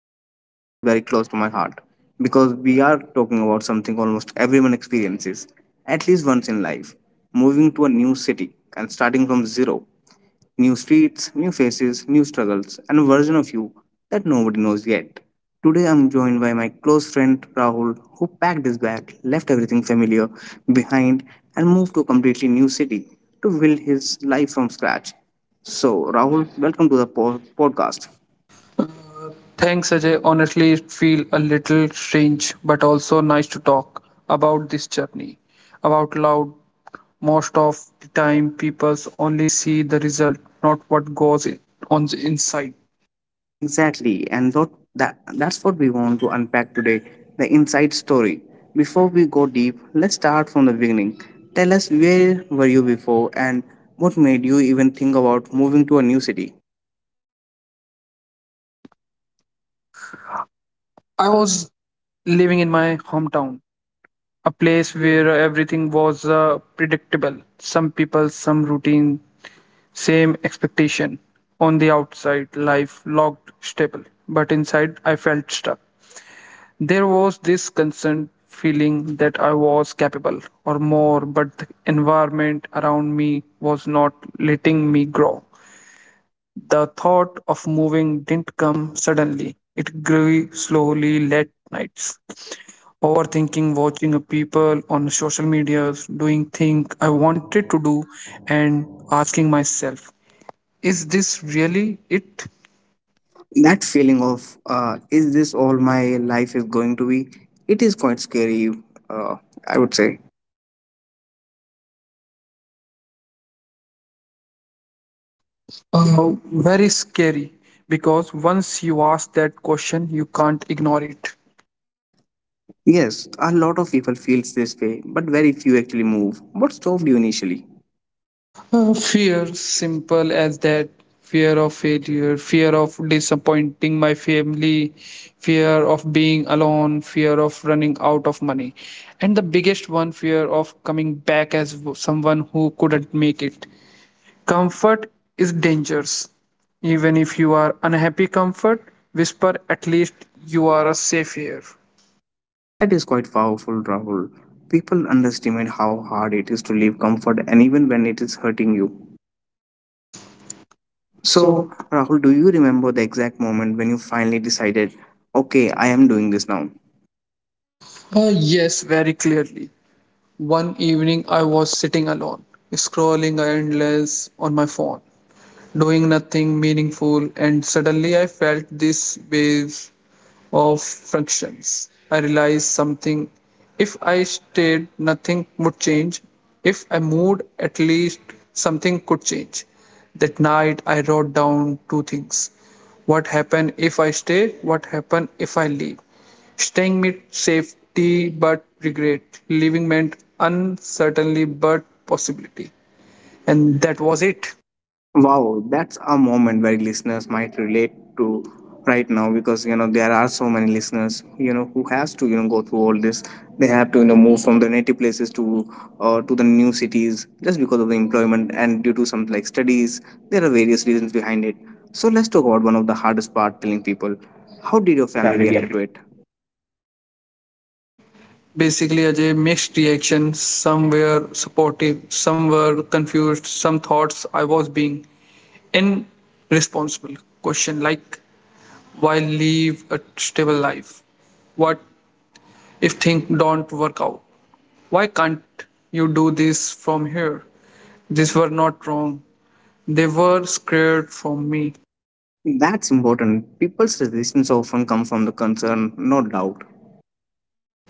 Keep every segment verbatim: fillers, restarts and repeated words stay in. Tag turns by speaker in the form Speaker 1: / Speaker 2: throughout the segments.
Speaker 1: today's episode is very close to my heart because we are talking about something almost everyone experiences at least once in life, moving to a new city and starting from zero. New streets, new faces, new struggles, and a version of you that nobody knows yet. Today I'm joined by my close friend Rahul, who packed his bag, left everything familiar behind, and moved to a completely new city to build his life from scratch. So, Rahul, welcome to the po- podcast.
Speaker 2: Thanks, Ajay. Honestly, it feel a little strange, but also nice to talk about this journey. About loud, most of the time, people only see the result, not what goes i- on the inside.
Speaker 1: Exactly, and that, that that's what we want to unpack today, the inside story. Before we go deep, let's start from the beginning. Tell us, where were you before and what made you even think about moving to a new city?
Speaker 2: I was living in my hometown, a place where everything was uh, predictable. Some people, some routine, same expectation. On the outside, life looked stable, but inside, I felt stuck. There was this constant feeling that I was capable or more, but the environment around me was not letting me grow. The thought of moving didn't come suddenly. It grew slowly late nights. Overthinking, watching people on social medias doing things I wanted to do, and asking myself, is this really it?
Speaker 1: That feeling of, uh, is this all my life is going to be? It is quite scary, uh, I would say.
Speaker 2: Uh, very scary because once you ask that question, you can't ignore it.
Speaker 1: Yes, a lot of people feels this way, but very few actually move. What stopped you initially?
Speaker 2: Uh, fear, simple as that. Fear of failure, fear of disappointing my family, fear of being alone, fear of running out of money. And the biggest one, fear of coming back as w- someone who couldn't make it. Comfort is dangerous. Even if you are unhappy, comfort, whisper, at least you are a safe here.
Speaker 1: That is quite powerful, Rahul. People underestimate how hard it is to leave comfort and even when it is hurting you. So,
Speaker 2: So,
Speaker 1: Rahul, do you remember the exact moment when you finally decided, okay, I am doing this now?
Speaker 2: uh, yes, very clearly. One evening, I was sitting alone, scrolling endless on my phone, doing nothing meaningful, and suddenly I felt this wave of fractions. I realized something. If I stayed, nothing would change. If I moved, at least something could change. That night, I wrote down two things what happened if I stay, what happened if I leave. Staying meant safety but regret, leaving meant uncertainty but possibility. And that was it.
Speaker 1: Wow, that's a moment where listeners might relate to right now, because you know there are so many listeners you know who has to you know go through all this. They have to you know move from their native places to uh, to the new cities just because of the employment and due to some like studies. There are various reasons behind it. So let's talk about one of the hardest part: telling people. How did your family react to it?
Speaker 2: Basically, Ajay, mixed reactions. Some were supportive, some were confused, some thoughts I was being irresponsible. Question like, why leave a stable life, what if things don't work out, why can't you do this from here? These were not wrong, they were scared from me.
Speaker 1: That's important. People's resistance often come from the concern, no doubt.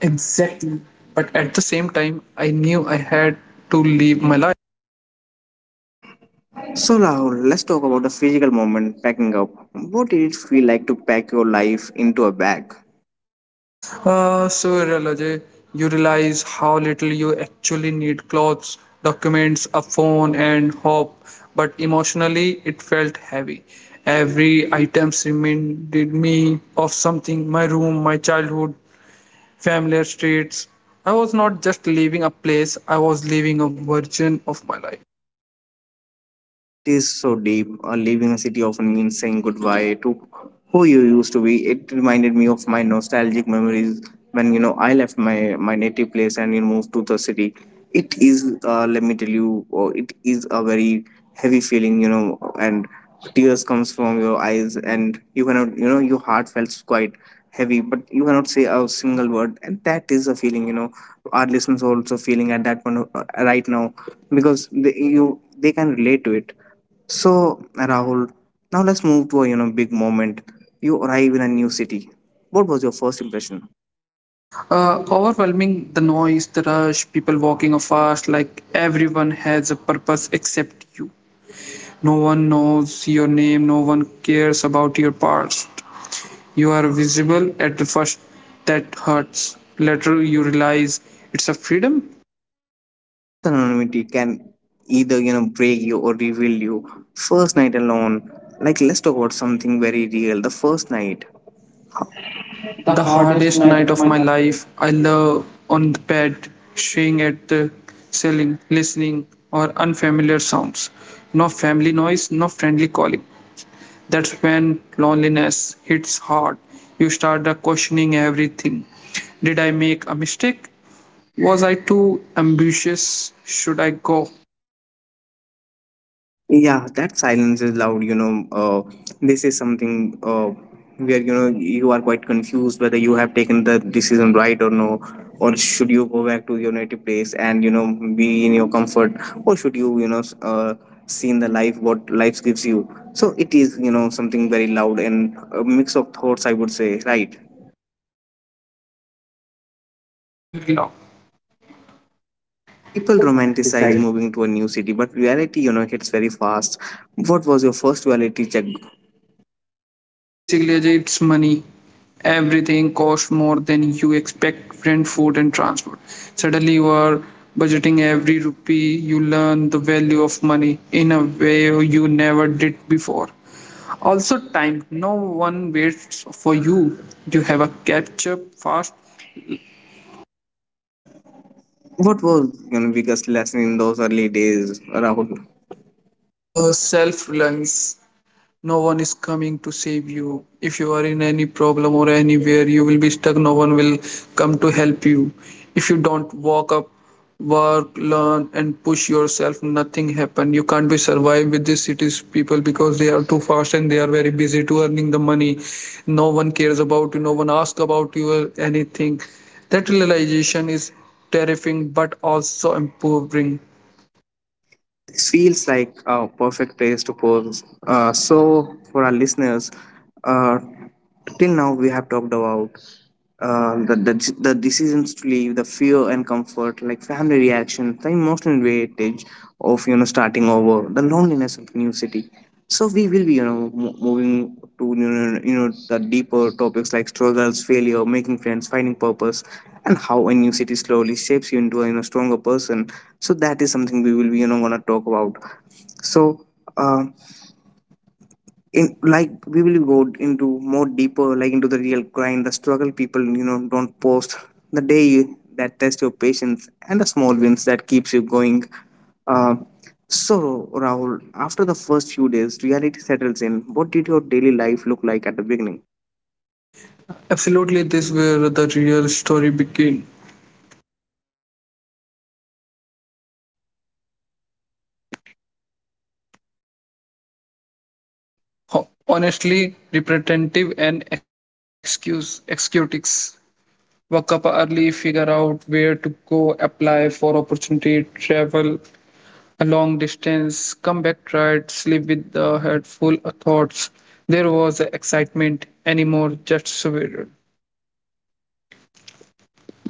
Speaker 2: Exactly, but at the same time I knew I had to leave my life.
Speaker 1: So now let's talk about the physical moment packing up. What did it feel like to pack your life into a bag?
Speaker 2: Uh, so, Ralaje, you realize how little you actually need clothes, documents, a phone, and hope. But emotionally, it felt heavy. Every item reminded me of something my room, my childhood, familiar streets. I was not just leaving a place, I was leaving a version of my life.
Speaker 1: That is so deep. Uh, leaving a city often means saying goodbye to who you used to be. It reminded me of my nostalgic memories when you know I left my my native place and you know, moved to the city. It is uh, let me tell you, uh, it is a very heavy feeling, you know, and tears comes from your eyes and you cannot you know your heart felt quite heavy but you cannot say a single word and that is a feeling you know our listeners are also feeling at that point of, uh, right now because they you they can relate to it. So, Rahul, now let's move to a you know big moment. You arrive in a new city. What was your first impression?
Speaker 2: Uh, overwhelming the noise, the rush, people walking fast, like everyone has a purpose except you. No one knows your name, no one cares about your past. You are visible at the first, that hurts. Later, you realize it's a freedom.
Speaker 1: That's anonymity can either you know break you or reveal you. First night alone, like let's talk about something very real, the first night. The
Speaker 2: The
Speaker 1: hardest
Speaker 2: hardest
Speaker 1: night
Speaker 2: night
Speaker 1: of
Speaker 2: of
Speaker 1: my
Speaker 2: my
Speaker 1: life.
Speaker 2: life, I lay on the bed, staring at the ceiling, listening or unfamiliar sounds. No family noise, no friendly calling. That's when loneliness hits hard. You start questioning everything. Did I make a mistake? Was I too ambitious? Should I go
Speaker 1: Yeah, that silence is loud, you know. Uh, this is something uh, where you know you are quite confused whether you have taken the decision right or no, or should you go back to your native place and you know be in your comfort, or should you you know s- uh, see in the life what life gives you. So it is you know something very loud and a mix of thoughts, I would say, right?
Speaker 2: very long?
Speaker 1: People romanticize moving to a new city, but reality, you know, hits very fast. What was your first reality check?
Speaker 2: Uh, basically, Ajay, it's money. Everything costs more than you expect rent, food, and transport. Suddenly, you are budgeting every rupee. You learn the value of money in a way you never did before. Also, time. No one waits for you. You have a catch up fast
Speaker 1: What was your biggest lesson in those early days, Rahul?
Speaker 2: uh, self reliance. No one is coming to save you. If you are in any problem or anywhere you will be stuck, no one will come to help you. If you don't walk up, work, learn, and push yourself, nothing happen. You can't be survive with these cities people because they are too fast and they are very busy to earning the money. No one cares about you. No one asks about you or anything. That realization is terrifying but also empowering.
Speaker 1: This feels like a perfect place to pause. Uh, so, for our listeners, uh, till now we have talked about uh, the, the the decisions to leave, the fear and comfort, like family reactions, the emotional weightage of you know starting over, the loneliness of new city. So we will be, you know, mo- moving to you know, you know the deeper topics like struggles, failure, making friends, finding purpose, and how a new city slowly shapes you into a you know, stronger person. So that is something we will be, you know, gonna talk about. So. Uh, in, like we will go into more deeper, like into the real grind, the struggle people you know don't post, the day you, that test your patience and the small wins that keeps you going, uh, so, Rahul, after the first few days reality settles in, what did your daily life look like at the beginning?
Speaker 2: Absolutely, this is where the real story begins. Ho- Honestly, representative and excuse executives work up early, figure out where to go, apply for opportunity, travel a long distance, come back tired, sleep with the head full of thoughts. There was excitement anymore, just survival.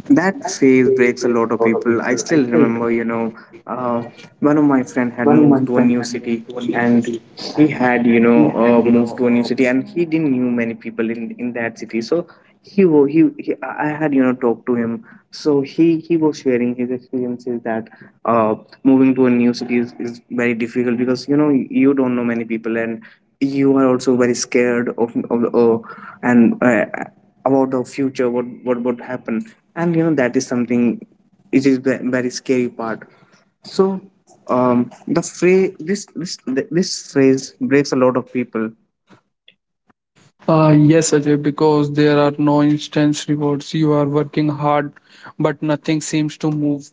Speaker 1: That phase breaks a lot of people. I still remember, you know, uh, one of my friend had moved to a new city, and he had you know uh, moved to a new city, and he didn't knew many people in in that city. So he wa- he, he I I had you know talked to him. So he he was sharing his experiences that, uh, moving to a new city is, is very difficult because you know you don't know many people, and you are also very scared of, of uh, and uh, about the future what what would happen. And you know that is something, it is ve- very scary part. So, um the phrase, this this this phrase breaks a lot of people.
Speaker 2: Uh, yes, Ajay, because there are no instant rewards. You are working hard, but nothing seems to move.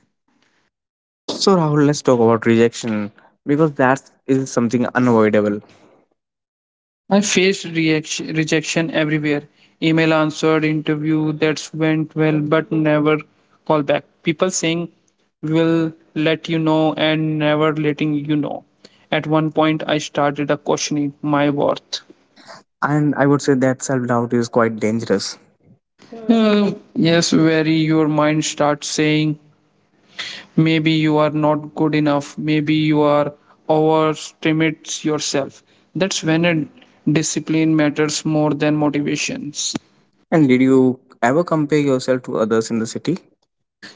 Speaker 1: So Rahul, let's talk about rejection because that is something unavoidable.
Speaker 2: I faced reaction, rejection everywhere. Email answered, interview that went well, but never call back. People saying will let you know and never letting you know. At one point, I started a questioning my worth.
Speaker 1: And I would say that self doubt is quite dangerous.
Speaker 2: Uh, yes, very. Your mind starts saying maybe you are not good enough. Maybe you are overestimates yourself. That's when a discipline matters more than motivations.
Speaker 1: And did you ever compare yourself to others in the city?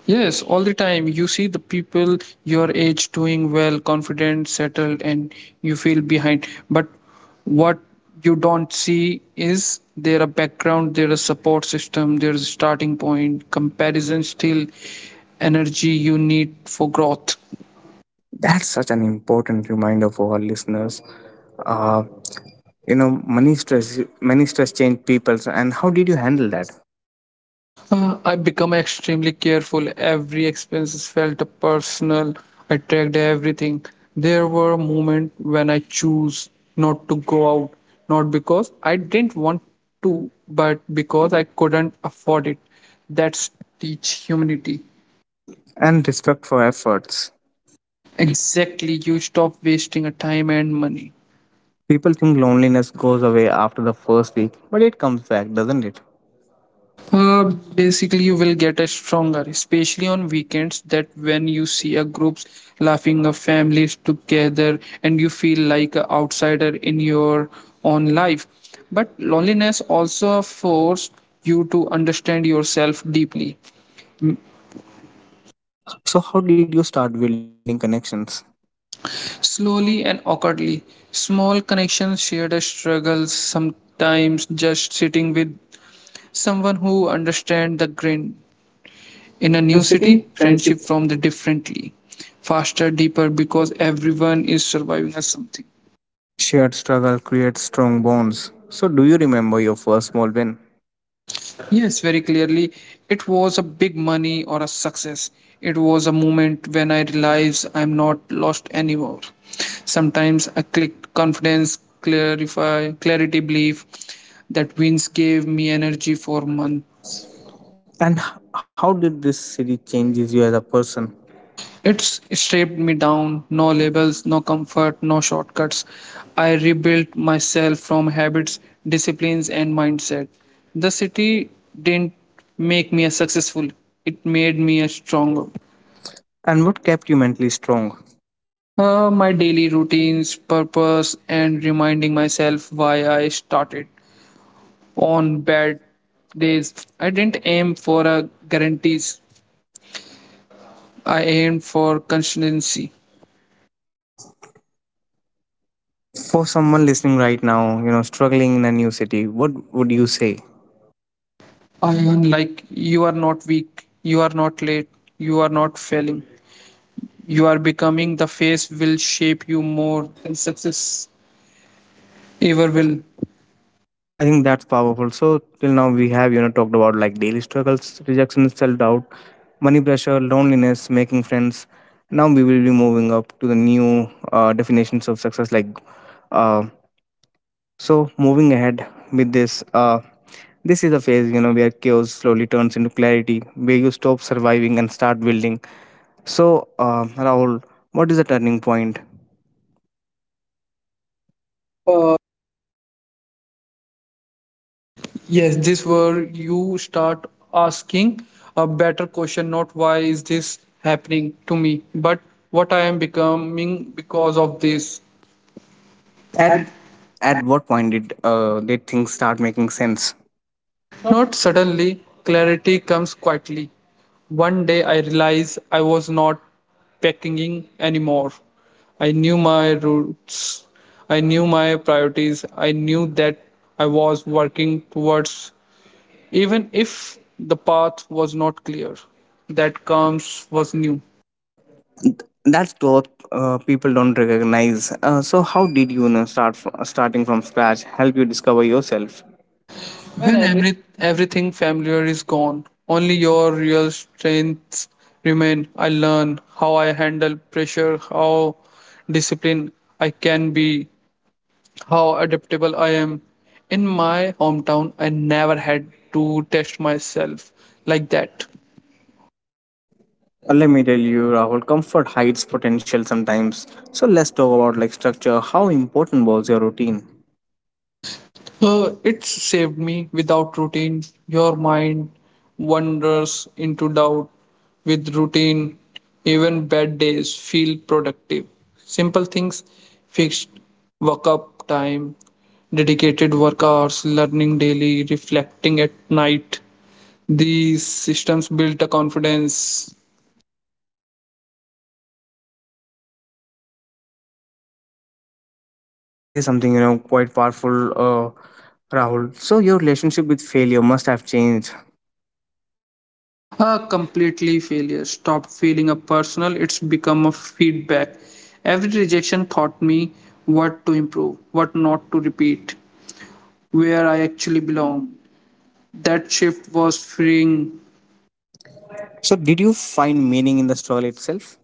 Speaker 2: Yes, all the time. You see the people your age doing well, confident, settled, and you feel behind. But what you don't see is there a background, there a support system, there's a starting point, comparison, still energy you need for growth.
Speaker 1: That's such an important reminder for our listeners. Uh, you know, money stress money stress changed people. So, and how did you handle that?
Speaker 2: Uh, I become extremely careful. Every expenses felt personal. I tracked everything. There were moments when I choose not to go out, not because I didn't want to, but because I couldn't afford it. That's teach humanity.
Speaker 1: And respect for efforts.
Speaker 2: Exactly, you stop wasting a time and money.
Speaker 1: People think loneliness goes away after the first week, but it comes back, doesn't it?
Speaker 2: Uh, Basically, you will get a stronger, especially on weekends, that when you see a groups laughing, a families together, and you feel like an outsider in your own life. But loneliness also forced you to understand yourself deeply,
Speaker 1: So how did you start building connections?
Speaker 2: slowly and awkwardly. Small connections, shared struggles, sometimes just sitting with someone who understands the grind. In
Speaker 1: in a
Speaker 2: a new city, friendship from the differently, faster, deeper, because everyone is surviving as something.
Speaker 1: shared struggle creates strong bonds. So do you remember your first small win?
Speaker 2: Yes, very clearly, it was a big money or a success. It was a moment when I realized I'm not lost anymore. Sometimes I clicked confidence, clarify, clarity, belief that wins gave me energy for months.
Speaker 1: And h- how did this city changes you as a person?
Speaker 2: It's stripped me down, no labels, no comfort, no shortcuts. I rebuilt myself from habits, disciplines, and mindset. The city didn't make me a successful, it made me a stronger.
Speaker 1: And what kept you mentally strong?
Speaker 2: Uh, my daily routines, purpose, and reminding myself why I started. On bad days, I didn't aim for a guarantees, I aimed for consistency.
Speaker 1: For someone listening right now, you know, struggling in a new city, what would you say?
Speaker 2: Ion, like you are not weak, you are not late, you are not failing. You are becoming the face will shape you more than success ever will.
Speaker 1: I think that's powerful. So till now we have you know talked about like daily struggles, rejection, self doubt, money pressure, loneliness, making friends. Now we will be moving up to the new uh, definitions of success. Like uh, so, moving ahead with this, uh, this is a phase you know where chaos slowly turns into clarity, where you stop surviving and start building. So uh, Rahul, what is the turning point? Uh,
Speaker 2: Yes, this where you start asking a better question, not why is this happening to me, but what I am becoming because of this.
Speaker 1: At at what point did uh, did things start making sense?
Speaker 2: Not suddenly, clarity comes quietly. One day I realized I was not packing anymore. I knew my roots, I knew my priorities, I knew that I was working towards, even if the path was not clear. That comes was new.
Speaker 1: That's what uh, people don't recognize. Uh, so, how did you, you know, start fr- starting from scratch help you discover yourself? When
Speaker 2: When
Speaker 1: I'm.
Speaker 2: every, everything familiar is gone, only your real strengths remain. I learn how I handle pressure, how disciplined I can be, how adaptable I am. In my hometown, I never had to test myself like that.
Speaker 1: Uh, let me tell you, Rahul, comfort hides potential sometimes. So let's talk about, like, structure. How important was your routine?
Speaker 2: Uh, it's saved me. Without routine, your mind wanders into doubt. With routine, even bad days feel productive. Simple things fixed work up time, dedicated work hours, learning daily, reflecting at night. These systems built a confidence.
Speaker 1: That is something you know quite powerful. Uh, rahul, so your relationship with failure must have changed.
Speaker 2: A completely failure. Stop feeling a personal, it's become a feedback. Every rejection taught me what to improve, what not to repeat, where I actually belong. That shift was freeing.
Speaker 1: So did you find meaning in the struggle itself?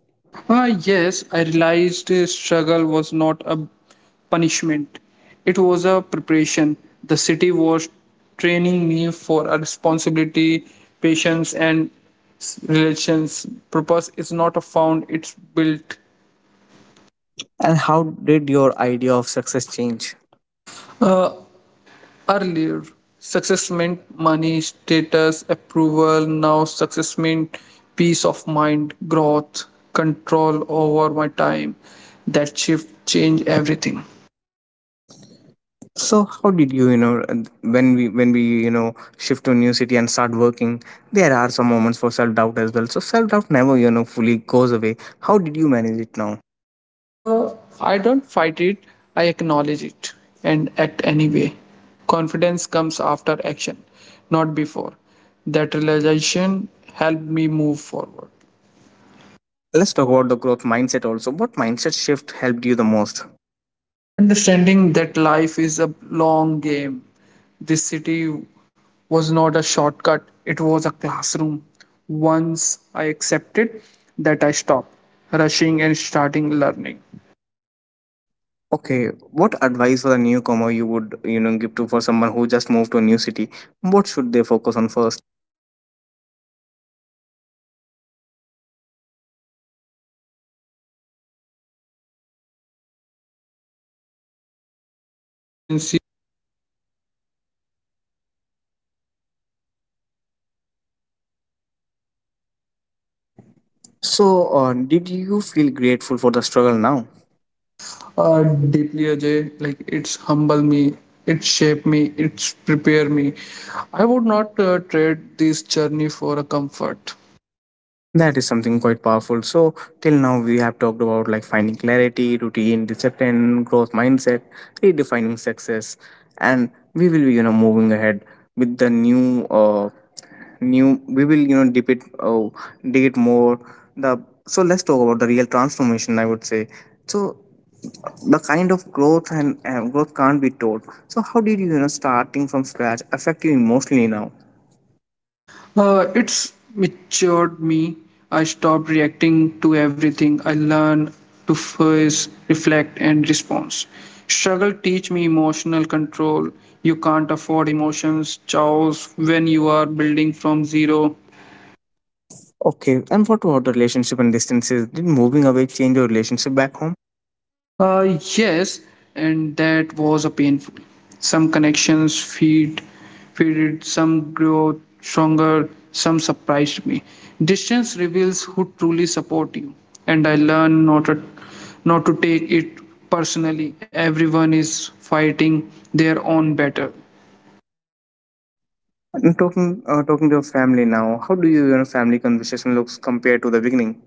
Speaker 2: Ah, yes, I realized uh, struggle was not a punishment, it was a preparation. The city was training me for a responsibility, patience, and s- relations. Purpose is not a found, it's built.
Speaker 1: And how did your idea of success change?
Speaker 2: Uh, Earlier. Success meant money, status, approval. Now success meant peace of mind, growth, control over my time. That shift changed everything.
Speaker 1: So how did you, you know, and when we when we you know shift to a new city and start working, there are some moments for self doubt as well. So self doubt never you know fully goes away. How did you manage it now?
Speaker 2: Uh, I don't fight it, I acknowledge it and act anyway. Confidence comes after action, not before. That realization helped me move forward.
Speaker 1: Let's talk about the growth mindset also. What mindset shift helped you the most?
Speaker 2: Understanding that life is a long game. This city was not a shortcut, it was a classroom. Once I accepted that, I stopped rushing and starting learning.
Speaker 1: Okay, what advice for the newcomer you would you know give to for someone who just moved to a new city? What should they focus on first?
Speaker 2: Uh, Basically, three there are three things uh, newcomers need to be focused on: this stability over speed, learning over proving, consistency over motivations. If you master these, growth is inevitable.
Speaker 1: So uh, did you feel grateful for the struggle now?
Speaker 2: Uh, deeply, Ajay. Like it's humble me, it shape me, it's prepare me. I would not uh, trade this journey for a comfort.
Speaker 1: That is something quite powerful. So till now we have talked about like finding clarity, routine, discipline, growth mindset, redefining success, and we will be you know moving ahead with the new uh new we will you know dip it uh, dig it more. The so let's talk about the real transformation, I would say. So the kind of growth, and uh, growth can't be taught. So how did you you know starting from scratch affect you emotionally now?
Speaker 2: Uh, it's matured me. I stopped reacting to everything. I learn to face, reflect, and respond. Struggle teach me emotional control. You can't afford emotions, chaos when you are building from zero.
Speaker 1: Okay, and what about the relationship and distances? Did moving away change your relationship back home?
Speaker 2: Uh, yes, and that was a painful. Some connections feed, faded, some grow stronger, some surprised me. Distance reveals who truly support you, and I learned not to, not to take it personally. Everyone is fighting their own battle.
Speaker 1: And talking, uh, talking to your family now, how do you, you know, family conversation looks compared to the beginning?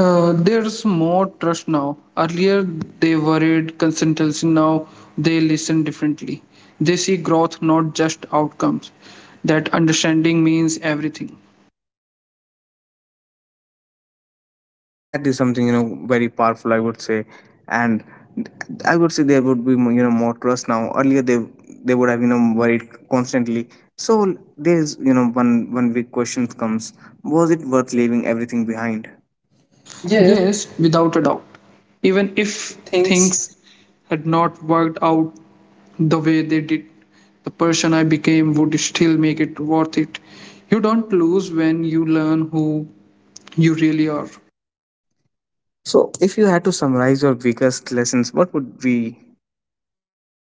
Speaker 2: Uh, there's more trust now. Earlier, they worried consultancy. Now, they listen differently. They see growth, not just outcomes. That understanding means everything.
Speaker 1: That is something you know very powerful, I would say, and I would say there would be more, you know, more trust now. Earlier they they would have you know worried constantly. So there's you know one one big question comes: was it worth leaving everything behind? Yeah,
Speaker 2: Yes, without a doubt. Even
Speaker 1: if
Speaker 2: if
Speaker 1: things.
Speaker 2: things had not worked out the way they did, the person I became would still make it worth it. You don't lose when you learn who you really are.
Speaker 1: So if you had to summarize your biggest lessons, what would be?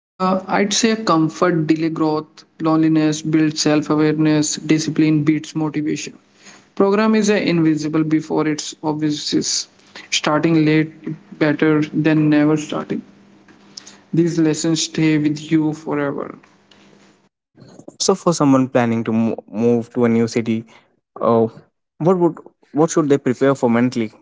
Speaker 2: Uh, I'd say comfort, delay growth, loneliness, builds self awareness, discipline beats motivation. Program is uh, invisible before its obvious. Starting late better than never starting. These lessons stay with you forever.
Speaker 1: So for someone planning to mo- move to a new city, uh, what would what should they prepare for mentally?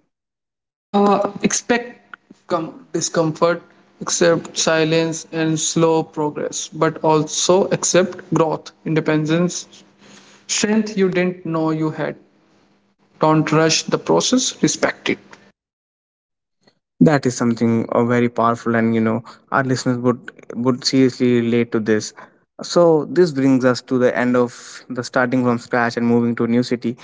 Speaker 2: Uh, expect com- discomfort, accept silence and slow progress, but also accept growth, independence, strength you didn't know you had. Don't rush the process, respect it.
Speaker 1: That is something uh, very powerful, and you know our listeners would would seriously relate to this. So this brings us to the end of the starting from scratch and moving to a new city.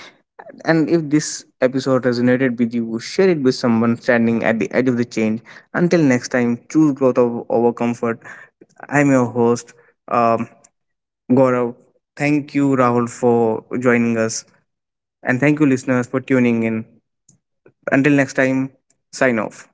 Speaker 1: And if this episode resonated with you, share it with someone standing at the edge of the change. Until next time, choose growth over, over comfort. I'm your host, um, Gaurav. Thank you, Rahul, for joining us. And thank you, listeners, for tuning in. Until next time, sign off.